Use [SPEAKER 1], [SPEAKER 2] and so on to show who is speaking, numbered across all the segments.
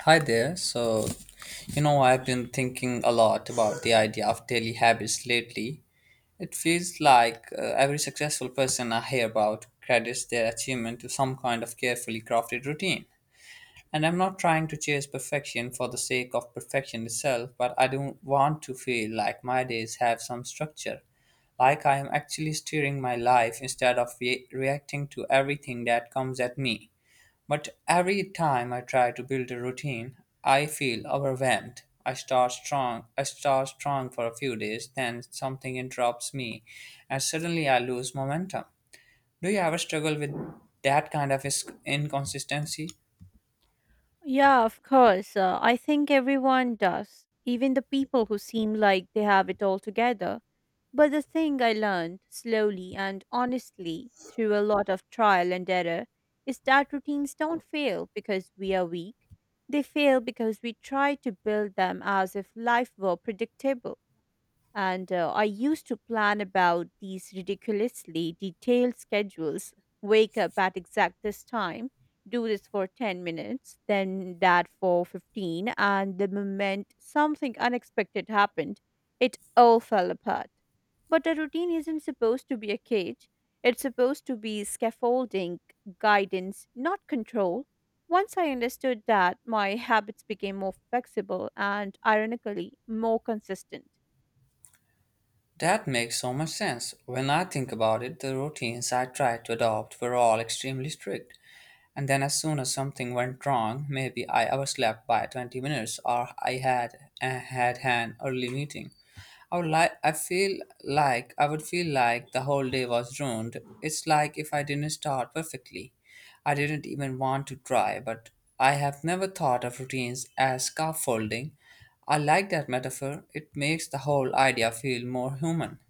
[SPEAKER 1] Hi there. So, I've been thinking a lot about the idea of daily habits lately. It feels like every successful person I hear about credits their achievement to some kind of carefully crafted routine. And I'm not trying to chase perfection for the sake of perfection itself, but I do want to feel like my days have some structure, like I am actually steering my life instead of reacting to everything that comes at me. But every time I try to build a routine, I feel overwhelmed. I start strong for a few days, then something interrupts me, and suddenly I lose momentum. Do you ever struggle with that kind of inconsistency?
[SPEAKER 2] Yeah, of course. I think everyone does, even the people who seem like they have it all together. But the thing I learned slowly and honestly through a lot of trial and error is that routines don't fail because we are weak. They fail because we try to build them as if life were predictable. And I used to plan about these ridiculously detailed schedules, wake up at exact this time, do this for 10 minutes, then that for 15. And the moment something unexpected happened, it all fell apart. But a routine isn't supposed to be a cage, it's supposed to be scaffolding, guidance, not control. Once I understood that, my habits became more flexible and, ironically, more consistent.
[SPEAKER 1] That makes so much sense. When I think about it, the routines I tried to adopt were all extremely strict. And then, as soon as something went wrong, maybe I overslept by 20 minutes or I had an early meeting. I would like I feel I would feel like the whole day was ruined. It's like if I didn't start perfectly. I didn't even want to try, but I have never thought of routines as scaffolding. I like that metaphor. It makes the whole idea feel more human.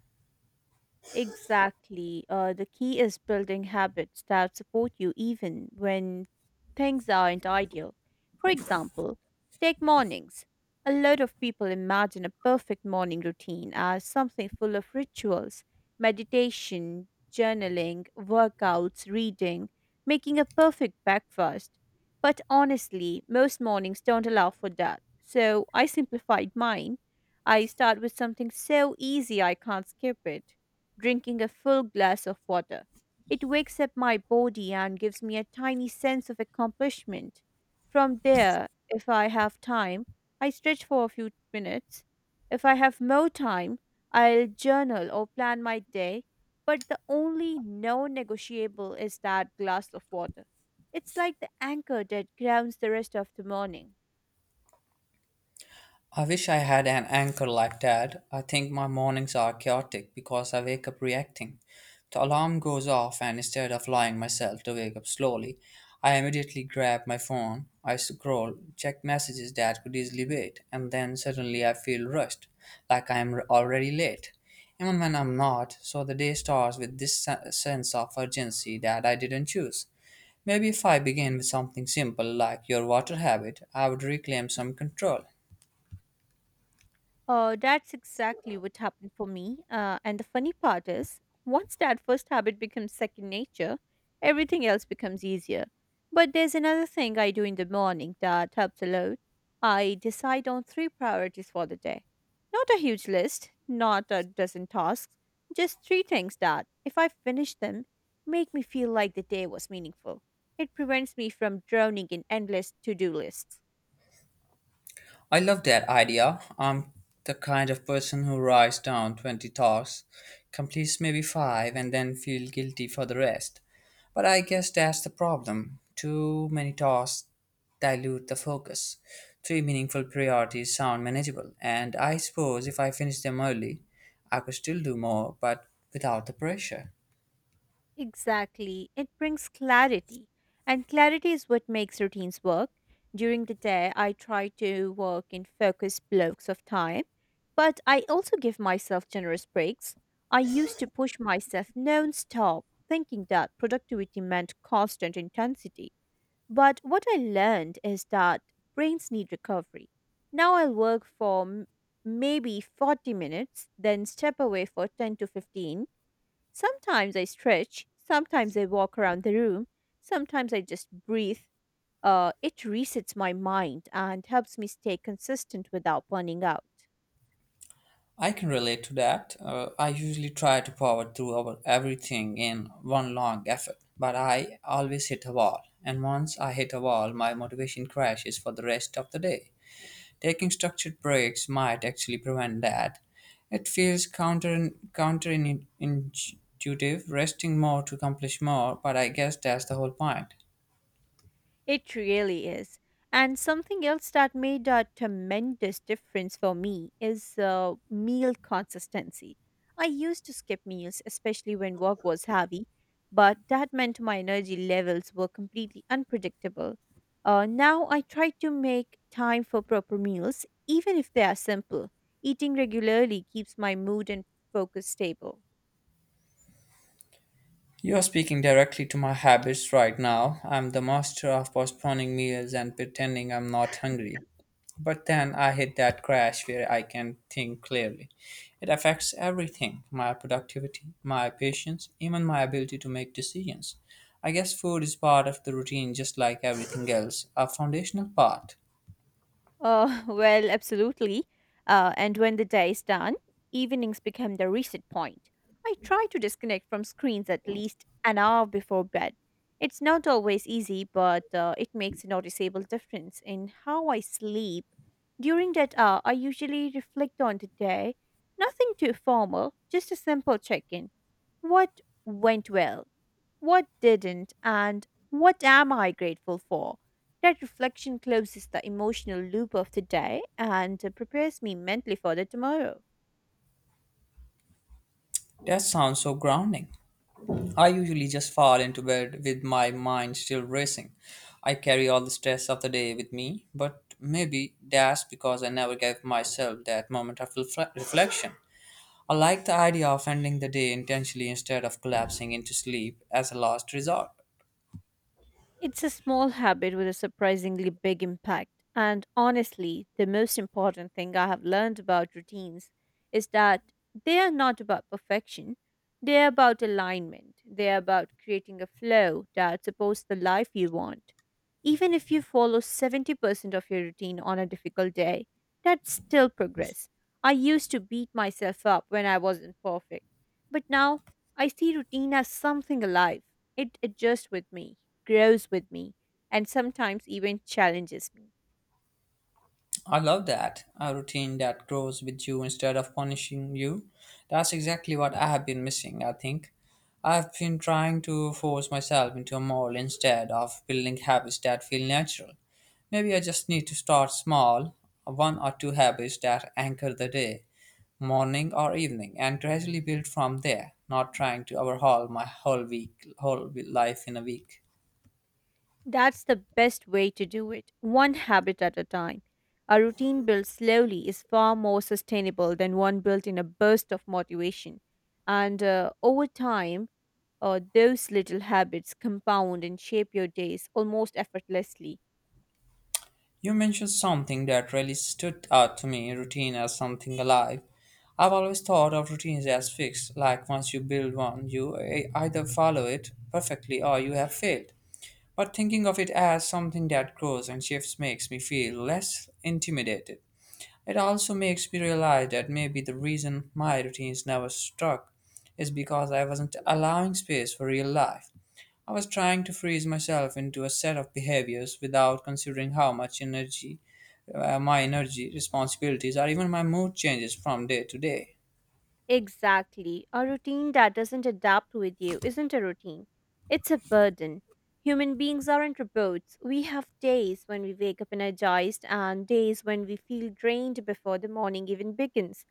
[SPEAKER 2] Exactly. The key is building habits that support you even when things aren't ideal. For example, take mornings. A lot of people imagine a perfect morning routine as something full of rituals, meditation, journaling, workouts, reading, making a perfect breakfast. But honestly, most mornings don't allow for that. So I simplified mine. I start with something so easy I can't skip it, drinking a full glass of water. It wakes up my body and gives me a tiny sense of accomplishment. From there, if I have time, I stretch for a few minutes. If I have more time, I'll journal or plan my day, but the only non negotiable is that glass of water. It's like the anchor that grounds the rest of the morning.
[SPEAKER 1] I wish I had an anchor like that. I think my mornings are chaotic because I wake up reacting. The alarm goes off, and instead of allowing myself to wake up slowly, I immediately grab my phone. I scroll, check messages that could easily wait, and then suddenly I feel rushed, like I am already late, even when I'm not. So the day starts with this sense of urgency that I didn't choose. Maybe if I begin with something simple like your water habit, I would reclaim some control.
[SPEAKER 2] That's exactly what happened for me. And the funny part is, once that first habit becomes second nature, everything else becomes easier. But there's another thing I do in the morning that helps a lot. I decide on three priorities for the day. Not a huge list, not a dozen tasks, just three things that, if I finish them, make me feel like the day was meaningful. It prevents me from drowning in endless to do lists.
[SPEAKER 1] I love that idea. I'm the kind of person who writes down 20 tasks, completes maybe 5, and then feel guilty for the rest. But I guess that's the problem. Too many tasks dilute the focus. Three meaningful priorities sound manageable, and I suppose if I finish them early, I could still do more, but without the pressure.
[SPEAKER 2] Exactly. It brings clarity. And clarity is what makes routines work. During the day, I try to work in focused blocks of time, but I also give myself generous breaks. I used to push myself non-stop, thinking that productivity meant constant intensity. But what I learned is that brains need recovery. Now I'll work for maybe 40 minutes, then step away for 10 to 15. Sometimes I stretch, sometimes I walk around the room, sometimes I just breathe. It resets my mind and helps me stay consistent without burning out.
[SPEAKER 1] I can relate to that. I usually try to power through our everything in one long effort, but I always hit a wall. And once I hit a wall, my motivation crashes for the rest of the day. Taking structured breaks might actually prevent that. It feels counterintuitive, resting more to accomplish more, but I guess that's the whole point.
[SPEAKER 2] It really is. And something else that made a tremendous difference for me is meal consistency. I used to skip meals, especially when work was heavy, but that meant my energy levels were completely unpredictable. Now I try to make time for proper meals, even if they are simple. Eating regularly keeps my mood and focus stable.
[SPEAKER 1] You're speaking directly to my habits right now. I'm the master of postponing meals and pretending I'm not hungry. But then I hit that crash where I can think clearly. It affects everything, my productivity, my patience, even my ability to make decisions. I guess food is part of the routine just like everything else, a foundational part.
[SPEAKER 2] Well, absolutely. And when the day is done, evenings become the reset point. I try to disconnect from screens at least an hour before bed. It's not always easy, but it makes a noticeable difference in how I sleep. During that hour, I usually reflect on the day. Nothing too formal, just a simple check in. What went well? What didn't? And what am I grateful for? That reflection closes the emotional loop of the day and prepares me mentally for the tomorrow.
[SPEAKER 1] That sounds so grounding. I usually just fall into bed with my mind still racing. I carry all the stress of the day with me, but maybe that's because I never gave myself that moment of reflection. I like the idea of ending the day intentionally instead of collapsing into sleep as a last resort.
[SPEAKER 2] It's a small habit with a surprisingly big impact. And honestly, the most important thing I have learned about routines is that they are not about perfection. They are about alignment. They are about creating a flow that supports the life you want. Even if you follow 70% of your routine on a difficult day, that's still progress. I used to beat myself up when I wasn't perfect. But now I see routine as something alive. It adjusts with me, grows with me, and sometimes even challenges me.
[SPEAKER 1] I love that. A routine that grows with you instead of punishing you. That's exactly what I have been missing, I think. I've been trying to force myself into a mold instead of building habits that feel natural. Maybe I just need to start small, one or two habits that anchor the day, morning or evening, and gradually build from there, not trying to overhaul my whole week, whole life in a week.
[SPEAKER 2] That's the best way to do it, one habit at a time. A routine built slowly is far more sustainable than one built in a burst of motivation. And over time, those little habits compound and shape your days almost effortlessly.
[SPEAKER 1] You mentioned something that really stood out to me, routine as something alive. I've always thought of routines as fixed, like once you build one, you either follow it perfectly or you have failed. But thinking of it as something that grows and shifts makes me feel less intimidated. It also makes me realize that maybe the reason my routines never stuck is because I wasn't allowing space for real life. I was trying to freeze myself into a set of behaviors without considering how much energy, my energy, responsibilities, or even my mood changes from day to day.
[SPEAKER 2] Exactly. A routine that doesn't adapt with you isn't a routine. It's a burden. Human beings aren't robots. We have days when we wake up energized and days when we feel drained before the morning even begins.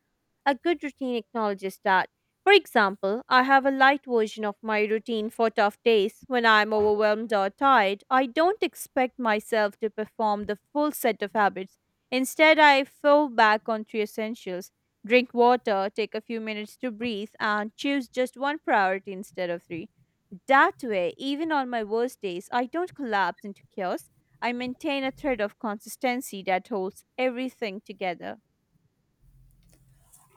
[SPEAKER 2] A good routine acknowledges that. For example, I have a light version of my routine for tough days. When I'm overwhelmed or tired, I don't expect myself to perform the full set of habits. Instead, I fall back on three essentials: drink water, take a few minutes to breathe, and choose just one priority instead of three. That way, even on my worst days, I don't collapse into chaos. I maintain a thread of consistency that holds everything together.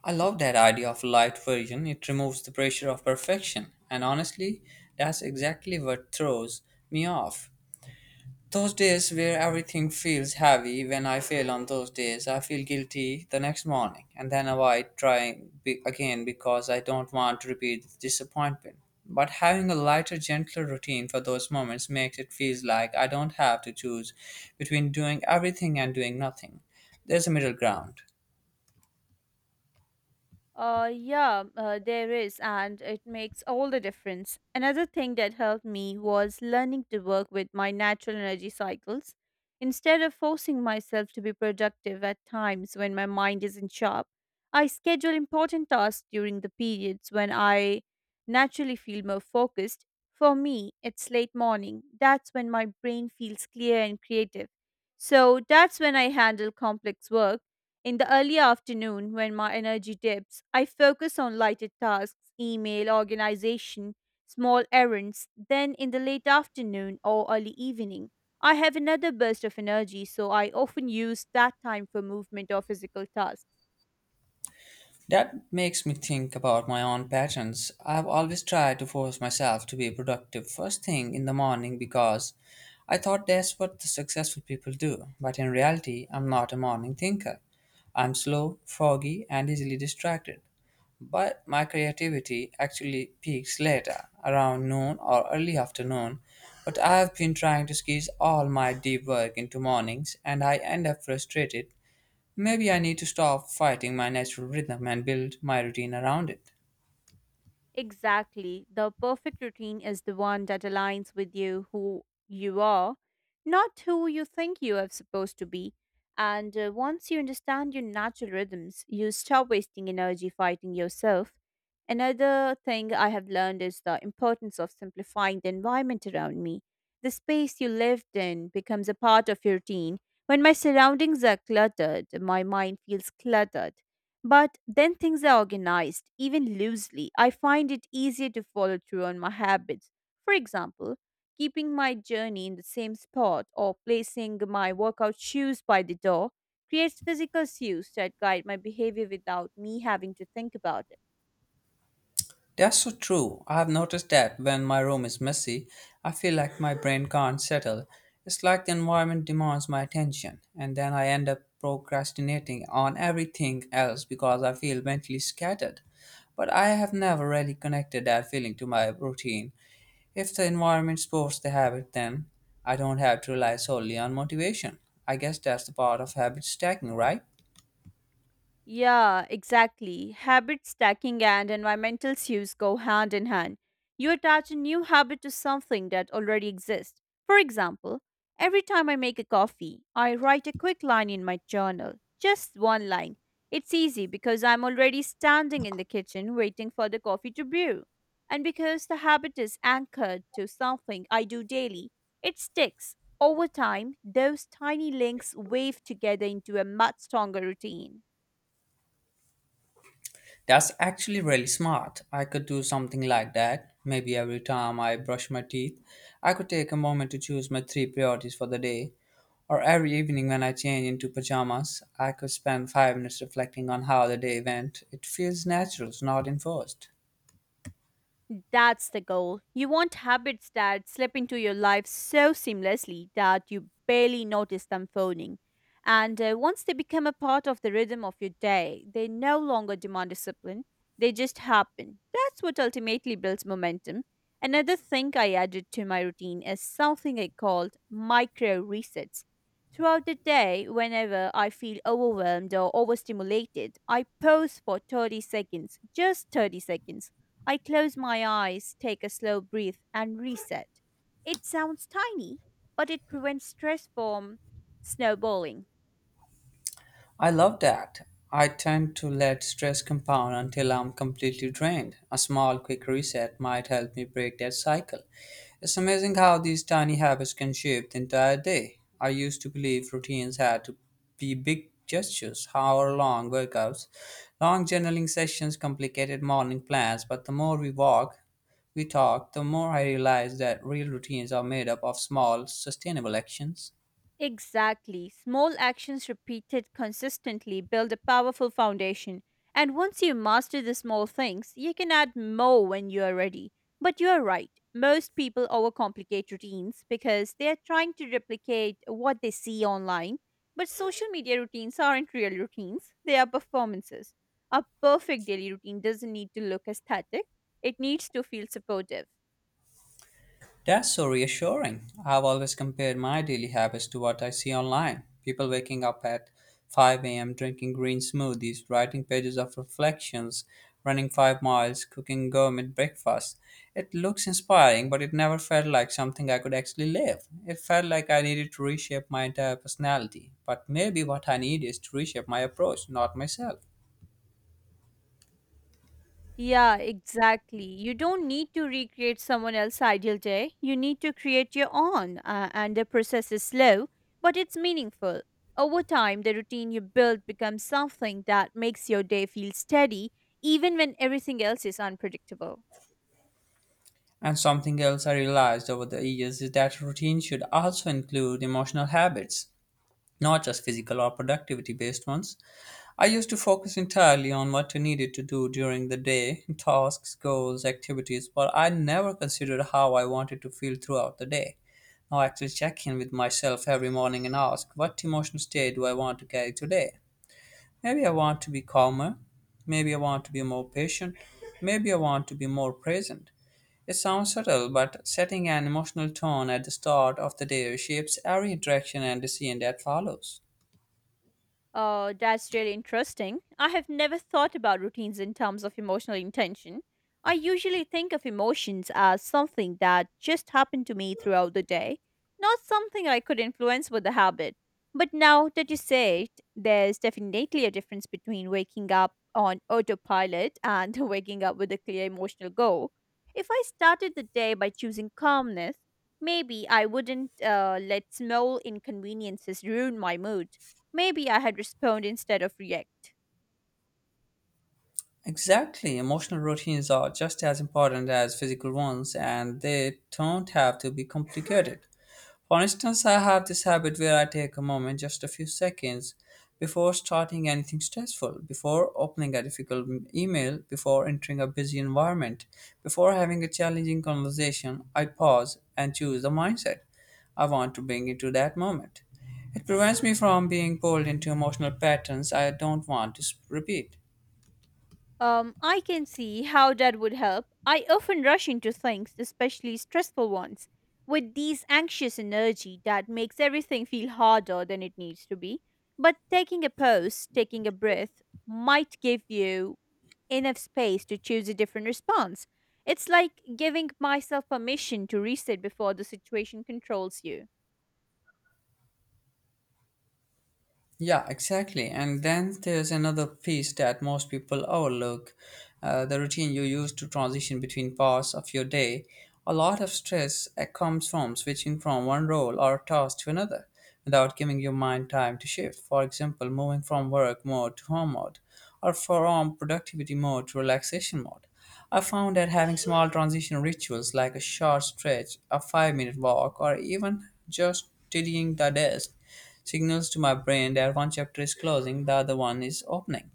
[SPEAKER 1] I love that idea of light version. It removes the pressure of perfection. And honestly, that's exactly what throws me off. Those days where everything feels heavy, when I fail on those days, I feel guilty the next morning and then avoid trying again because I don't want to repeat the disappointment. But having a lighter, gentler routine for those moments makes it feel like I don't have to choose between doing everything and doing nothing. There's a middle ground.
[SPEAKER 2] Yeah, there is, and it makes all the difference. Another thing that helped me was learning to work with my natural energy cycles. Instead of forcing myself to be productive at times when my mind isn't sharp, I schedule important tasks during the periods when I naturally feel more focused. For me, it's late morning. That's when my brain feels clear and creative. So that's when I handle complex work in the early afternoon, when my energy dips, I focus on lighter tasks, email, organization, small errands. Then in the late afternoon or early evening, I have another burst of energy, so I often use that time for movement or physical tasks.
[SPEAKER 1] That makes me think about my own patterns. I've always tried to force myself to be productive first thing in the morning because I thought that's what the successful people do. But in reality, I'm not a morning thinker. I'm slow, foggy, and easily distracted. But my creativity actually peaks later, around noon or early afternoon. But I've been trying to squeeze all my deep work into mornings, and I end up frustrated. Maybe I need to stop fighting my natural rhythm and build my routine around it.
[SPEAKER 2] Exactly. The perfect routine is the one that aligns with you, who you are, not who you think you are supposed to be. And once you understand your natural rhythms, you stop wasting energy fighting yourself. Another thing I have learned is the importance of simplifying the environment around me. The space you lived in becomes a part of your routine. When my surroundings are cluttered, my mind feels cluttered. But then things are organized, even loosely. I find it easier to follow through on my habits. For example, keeping my journey in the same spot or placing my workout shoes by the door creates physical cues that guide my behavior without me having to think about it.
[SPEAKER 1] That's so true. I have noticed that when my room is messy, I feel like my brain can't settle. It's like the environment demands my attention, and then I end up procrastinating on everything else because I feel mentally scattered. But I have never really connected that feeling to my routine. If the environment supports the habit, then I don't have to rely solely on motivation. I guess that's the part of habit stacking, right?
[SPEAKER 2] Yeah, exactly. Habit stacking and environmental cues go hand in hand. You attach a new habit to something that already exists. For example, every time I make a coffee, I write a quick line in my journal. Just one line. It's easy because I'm already standing in the kitchen waiting for the coffee to brew. And because the habit is anchored to something I do daily, it sticks. Over time, those tiny links weave together into a much stronger routine.
[SPEAKER 1] That's actually really smart. I could do something like that. Maybe every time I brush my teeth, I could take a moment to choose my three priorities for the day. Or every evening when I change into pajamas, I could spend 5 minutes reflecting on how the day went. It feels natural, not enforced.
[SPEAKER 2] That's the goal. You want habits that slip into your life so seamlessly that you barely notice them phoning. And once they become a part of the rhythm of your day, they no longer demand discipline. They just happen. That's what ultimately builds momentum. Another thing I added to my routine is something I called micro resets. Throughout the day, whenever I feel overwhelmed or overstimulated, I pause for 30 seconds, just 30 seconds. I close my eyes, take a slow breath, and reset. It sounds tiny, but it prevents stress from snowballing.
[SPEAKER 1] I love that. I tend to let stress compound until I'm completely drained. A small, quick reset might help me break that cycle. It's amazing how these tiny habits can shape the entire day. I used to believe routines had to be big gestures, hour long workouts, long journaling sessions, complicated morning plans, but the more we walk, we talk, the more I realize that real routines are made up of small, sustainable actions.
[SPEAKER 2] Exactly. Small actions repeated consistently build a powerful foundation. And once you master the small things, you can add more when you are ready. But you're right. Most people overcomplicate routines because they are trying to replicate what they see online. But social media routines aren't real routines, they are performances. A perfect daily routine doesn't need to look aesthetic, it needs to feel supportive.
[SPEAKER 1] That's so reassuring. I've always compared my daily habits to what I see online. People waking up at 5 a.m., drinking green smoothies, writing pages of reflections, running 5 miles, cooking gourmet breakfast. It looks inspiring, but it never felt like something I could actually live. It felt like I needed to reshape my entire personality. But maybe what I need is to reshape my approach, not myself.
[SPEAKER 2] Yeah, exactly. You don't need to recreate someone else's ideal day. You need to create your own, and the process is slow, but it's meaningful. Over time, the routine you build becomes something that makes your day feel steady, even when everything else is unpredictable.
[SPEAKER 1] And something else I realized over the years is that routine should also include emotional habits, not just physical or productivity based ones. I used to focus entirely on what I needed to do during the day, tasks, goals, activities, but I never considered how I wanted to feel throughout the day. Now I actually check in with myself every morning and ask, what emotional state do I want to carry today? Maybe I want to be calmer. Maybe I want to be more patient. Maybe I want to be more present. It sounds subtle, but setting an emotional tone at the start of the day shapes every interaction and decision that follows.
[SPEAKER 2] Oh, that's really interesting. I have never thought about routines in terms of emotional intention. I usually think of emotions as something that just happened to me throughout the day, not something I could influence with a habit. But now that you say it, there's definitely a difference between waking up on autopilot and waking up with a clear emotional goal. If I started the day by choosing calmness, maybe I wouldn't let small inconveniences ruin my mood. Maybe I had respond instead of react.
[SPEAKER 1] Exactly. Emotional routines are just as important as physical ones, and they don't have to be complicated. For instance, I have this habit where I take a moment, just a few seconds, before starting anything stressful, before opening a difficult email, before entering a busy environment, before having a challenging conversation. I pause and choose the mindset I want to bring into that moment. It prevents me from being pulled into emotional patterns I don't want to repeat.
[SPEAKER 2] I can see how that would help. I often rush into things, especially stressful ones, with this anxious energy that makes everything feel harder than it needs to be. But taking a pause, taking a breath, might give you enough space to choose a different response. It's like giving myself permission to reset before the situation controls you.
[SPEAKER 1] Yeah, exactly. And then there's another piece that most people overlook, the routine you use to transition between parts of your day. A lot of stress comes from switching from one role or task to another without giving your mind time to shift. For example, moving from work mode to home mode or from productivity mode to relaxation mode. I found that having small transition rituals like a short stretch, a 5 minute walk, or even just tidying the desk signals to my brain that one chapter is closing, the other one is opening.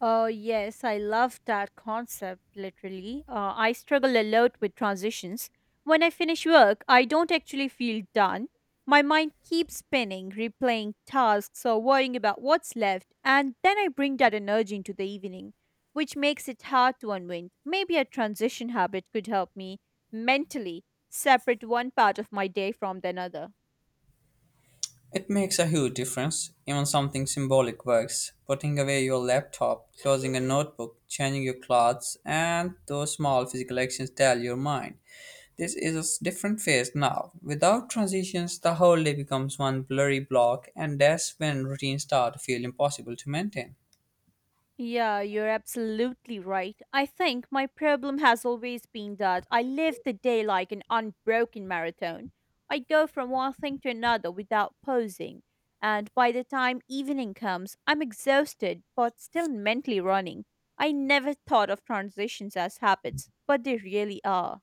[SPEAKER 2] Yes, I love that concept, literally. I struggle a lot with transitions. When I finish work, I don't actually feel done. My mind keeps spinning, replaying tasks or worrying about what's left, and then I bring that energy into the evening, which makes it hard to unwind. Maybe a transition habit could help me mentally separate one part of my day from the another.
[SPEAKER 1] It makes a huge difference. Even something symbolic works. Putting away your laptop, closing a notebook, changing your clothes, and those small physical actions tell your mind this is a different phase now. Without transitions, the whole day becomes one blurry block, and that's when routines start to feel impossible to maintain.
[SPEAKER 2] Yeah, you're absolutely right. I think my problem has always been that I live the day like an unbroken marathon. I go from one thing to another without pausing, and by the time evening comes, I'm exhausted but still mentally running. I never thought of transitions as habits, but they really are.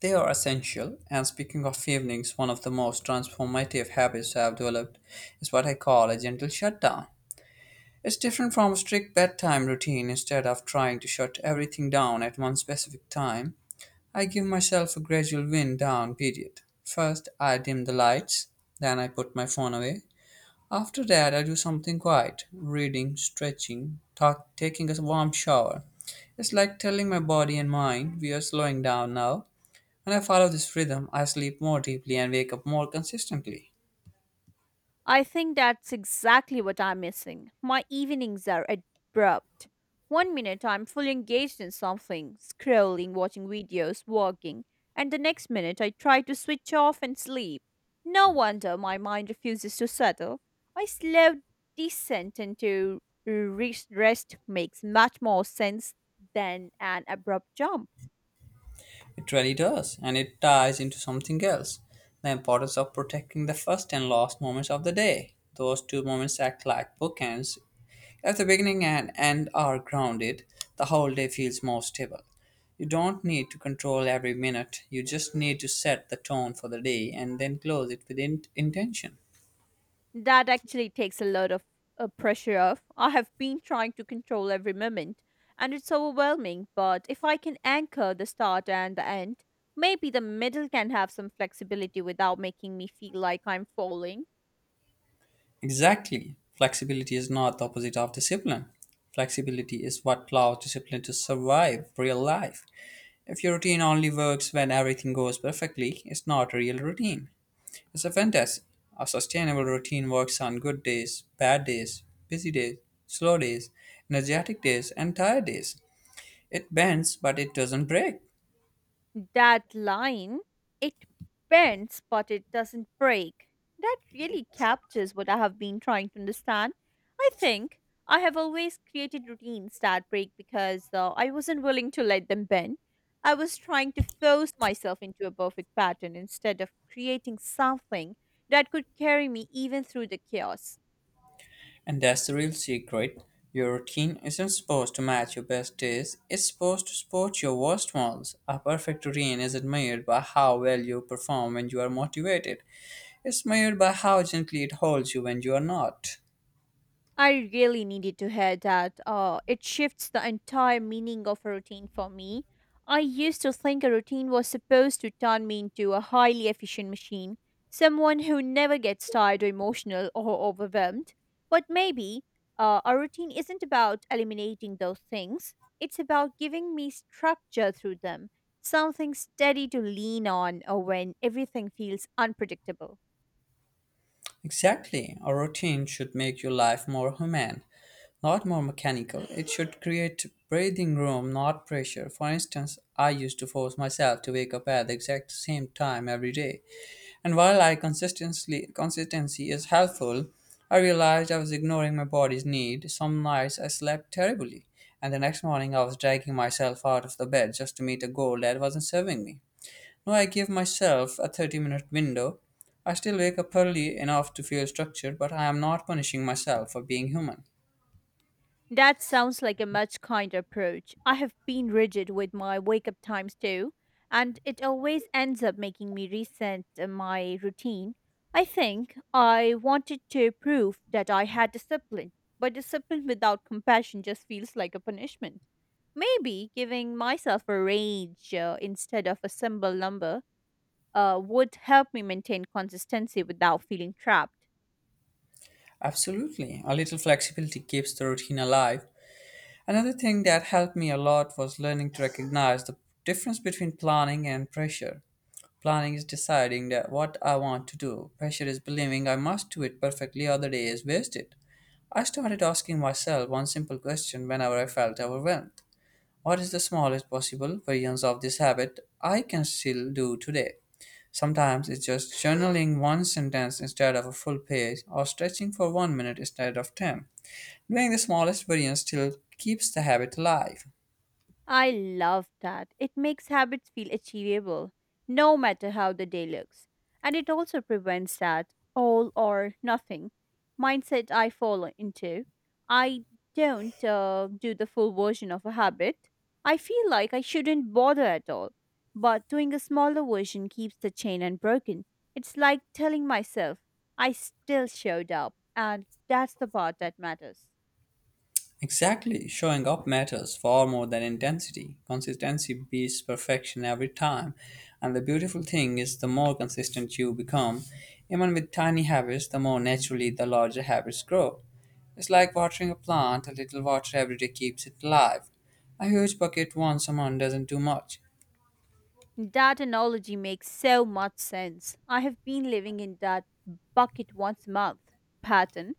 [SPEAKER 1] They are essential, and speaking of evenings, one of the most transformative habits I have developed is what I call a gentle shutdown. It's different from a strict bedtime routine. Instead of trying to shut everything down at one specific time, I give myself a gradual wind down period. First, I dim the lights, then I put my phone away. After that, I do something quiet reading, stretching, talk, taking a warm shower. It's like telling my body and mind we are slowing down now. When I follow this rhythm, I sleep more deeply and wake up more consistently.
[SPEAKER 2] I think that's exactly what I'm missing. My evenings are abrupt. One minute I'm fully engaged in something, scrolling, watching videos, working, and the next minute I try to switch off and sleep. No wonder my mind refuses to settle. I slow descent into rest makes much more sense than an abrupt jump.
[SPEAKER 1] It really does, and it ties into something else the importance of protecting the first and last moments of the day. Those two moments act like bookends. If the beginning and end are grounded, the whole day feels more stable. You don't need to control every minute, you just need to set the tone for the day and then close it with intention.
[SPEAKER 2] That actually takes a lot of pressure off. I have been trying to control every moment, and it's overwhelming. But if I can anchor the start and the end, maybe the middle can have some flexibility without making me feel like I'm falling.
[SPEAKER 1] Exactly. Flexibility is not the opposite of discipline. Flexibility is what allows discipline to survive real life. If your routine only works when everything goes perfectly, it's not a real routine. It's a fantasy. A sustainable routine works on good days, bad days, busy days, slow days, energetic days, and tired days. It bends, but it doesn't break.
[SPEAKER 2] That line, it bends but it doesn't break. That really captures what I have been trying to understand. I think I have always created routines that break because I wasn't willing to let them bend. I was trying to force myself into a perfect pattern instead of creating something that could carry me even through the chaos.
[SPEAKER 1] And that's the real secret. Your routine isn't supposed to match your best days, it's supposed to support your worst ones. A perfect routine isn't measured by how well you perform when you are motivated, it's measured by how gently it holds you when you are not.
[SPEAKER 2] I really needed to hear that. It shifts the entire meaning of a routine for me. I used to think a routine was supposed to turn me into a highly efficient machine, someone who never gets tired or emotional or overwhelmed. But maybe a routine isn't about eliminating those things, it's about giving me structure through them, something steady to lean on when everything feels unpredictable.
[SPEAKER 1] Exactly. A routine should make your life more human, not more mechanical. It should create breathing room, not pressure. For instance, I used to force myself to wake up at the exact same time every day. And while I consistently consistency is helpful, I realized I was ignoring my body's need. Some nights I slept terribly, and the next morning I was dragging myself out of the bed just to meet a goal that wasn't serving me. No, I give myself a 30-minute window. I still wake up early enough to feel structured, but I am not punishing myself for being human.
[SPEAKER 2] That sounds like a much kinder approach. I have been rigid with my wake up times too, and it always ends up making me resent my routine. I think I wanted to prove that I had discipline, but discipline without compassion just feels like a punishment. Maybe giving myself a range instead of a symbol number would help me maintain consistency without feeling trapped.
[SPEAKER 1] Absolutely, a little flexibility keeps the routine alive. Another thing that helped me a lot was learning to recognize the difference between planning and pressure. Planning is deciding that what I want to do. Pressure is believing I must do it perfectly or the day is wasted. I started asking myself one simple question whenever I felt overwhelmed. What is the smallest possible variance of this habit I can still do today? Sometimes it's just journaling one sentence instead of a full page or stretching for one minute instead of 10. Doing the smallest variance still keeps the habit alive.
[SPEAKER 2] I love that. It makes habits feel achievable, no matter how the day looks. And it also prevents that all or nothing mindset I fall into. I don't do the full version of a habit. I feel like I shouldn't bother at all. But doing a smaller version keeps the chain unbroken. It's like telling myself, I still showed up. And that's the part that matters.
[SPEAKER 1] Exactly, showing up matters far more than intensity. Consistency beats perfection every time. And the beautiful thing is, the more consistent you become, even with tiny habits, the more naturally the larger habits grow. It's like watering a plant, a little water every day keeps it alive. A huge bucket once a month doesn't do much.
[SPEAKER 2] That analogy makes so much sense. I have been living in that bucket once a month pattern,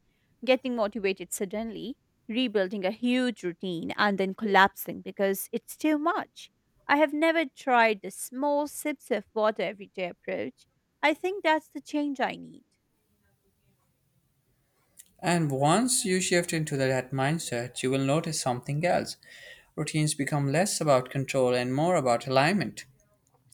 [SPEAKER 2] getting motivated suddenly, rebuilding a huge routine, and then collapsing because it's too much. I have never tried the small sips of water every day approach. I think that's the change I need.
[SPEAKER 1] And once you shift into that mindset, you will notice something else. Routines become less about control and more about alignment.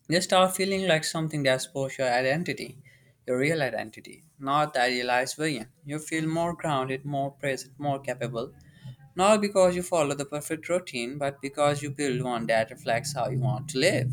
[SPEAKER 1] They start feeling like something that supports your identity, your real identity, not the idealized version. You feel more grounded, more present, more capable, not because you follow the perfect routine, but because you build one that reflects how you want to live.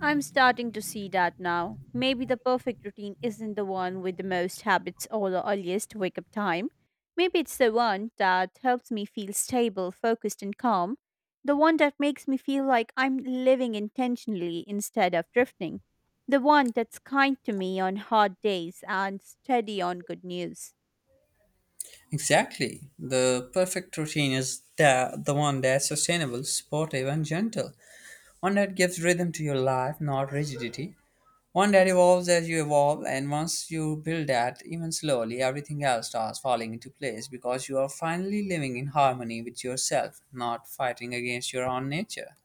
[SPEAKER 2] I'm starting to see that now. Maybe the perfect routine isn't the one with the most habits or the earliest wake up time. Maybe it's the one that helps me feel stable, focused, and calm. The one that makes me feel like I'm living intentionally instead of drifting. The one that's kind to me on hard days and steady on good news.
[SPEAKER 1] Exactly. The perfect routine is the one that's sustainable, supportive, and gentle. One that gives rhythm to your life, not rigidity. One that evolves as you evolve, and once you build that, even slowly, everything else starts falling into place because you are finally living in harmony with yourself, not fighting against your own nature.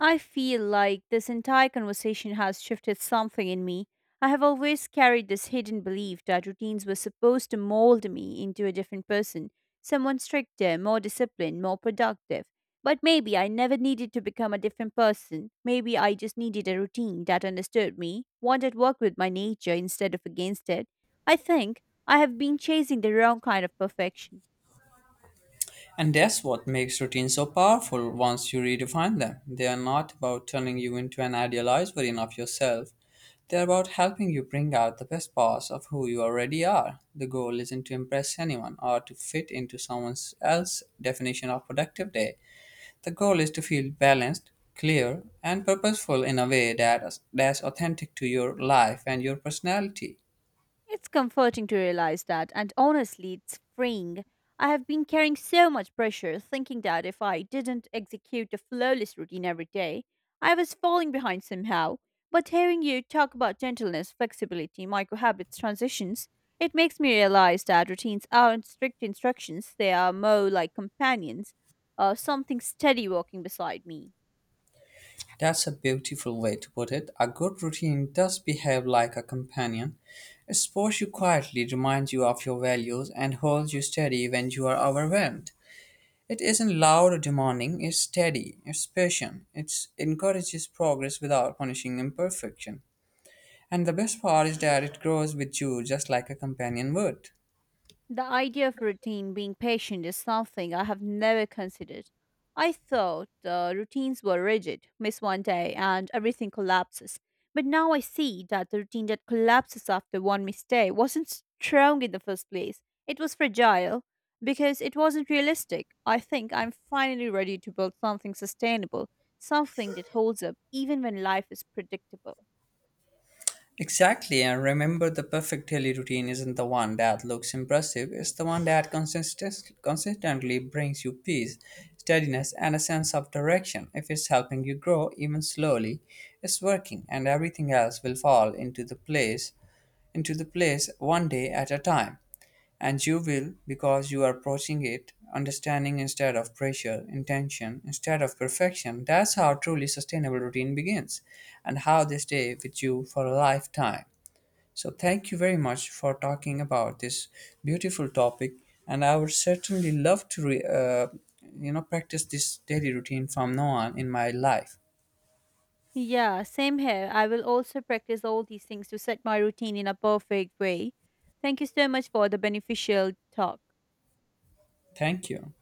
[SPEAKER 2] I feel like this entire conversation has shifted something in me. I have always carried this hidden belief that routines were supposed to mold me into a different person, someone stricter, more disciplined, more productive. But maybe I never needed to become a different person. Maybe I just needed a routine that understood me, one that worked with my nature instead of against it. I think I have been chasing the wrong kind of perfection.
[SPEAKER 1] And that's what makes routines so powerful once you redefine them. They are not about turning you into an idealized version of yourself. They're about helping you bring out the best parts of who you already are. The goal isn't to impress anyone or to fit into someone else's definition of productive day. The goal is to feel balanced, clear, and purposeful in a way that's authentic to your life and your personality.
[SPEAKER 2] It's comforting to realize that, and honestly, it's freeing. I have been carrying so much pressure, thinking that if I didn't execute a flawless routine every day, I was falling behind somehow. But hearing you talk about gentleness, flexibility, micro habits, transitions, it makes me realize that routines aren't strict instructions, they are more like companions, something steady walking beside me.
[SPEAKER 1] That's a beautiful way to put it. A good routine does behave like a companion. It supports you quietly, reminds you of your values, and holds you steady when you are overwhelmed. It isn't loud or demanding, it's steady, it's patient, it encourages progress without punishing imperfection. And the best part is that it grows with you just like a companion would.
[SPEAKER 2] The idea of routine being patient is something I have never considered. I thought the routines were rigid, miss one day and everything collapses. But now I see that the routine that collapses after one mistake wasn't strong in the first place. It was fragile because it wasn't realistic. I think I'm finally ready to build something sustainable, something that holds up even when life is predictable.
[SPEAKER 1] Exactly, and remember the perfect daily routine isn't the one that looks impressive, it's the one that consistently brings you peace, steadiness, and a sense of direction. If it's helping you grow, even slowly, it's working, and everything else will fall into the place one day at a time. And you will because you are approaching it understanding instead of pressure, intention instead of perfection. That's how truly sustainable routine begins and how they stay with you for a lifetime. So, thank you very much for talking about this beautiful topic. And I would certainly love to, practice this daily routine from now on in my life.
[SPEAKER 2] Yeah, same here. I will also practice all these things to set my routine in a perfect way. Thank you so much for the beneficial talk.
[SPEAKER 1] Thank you.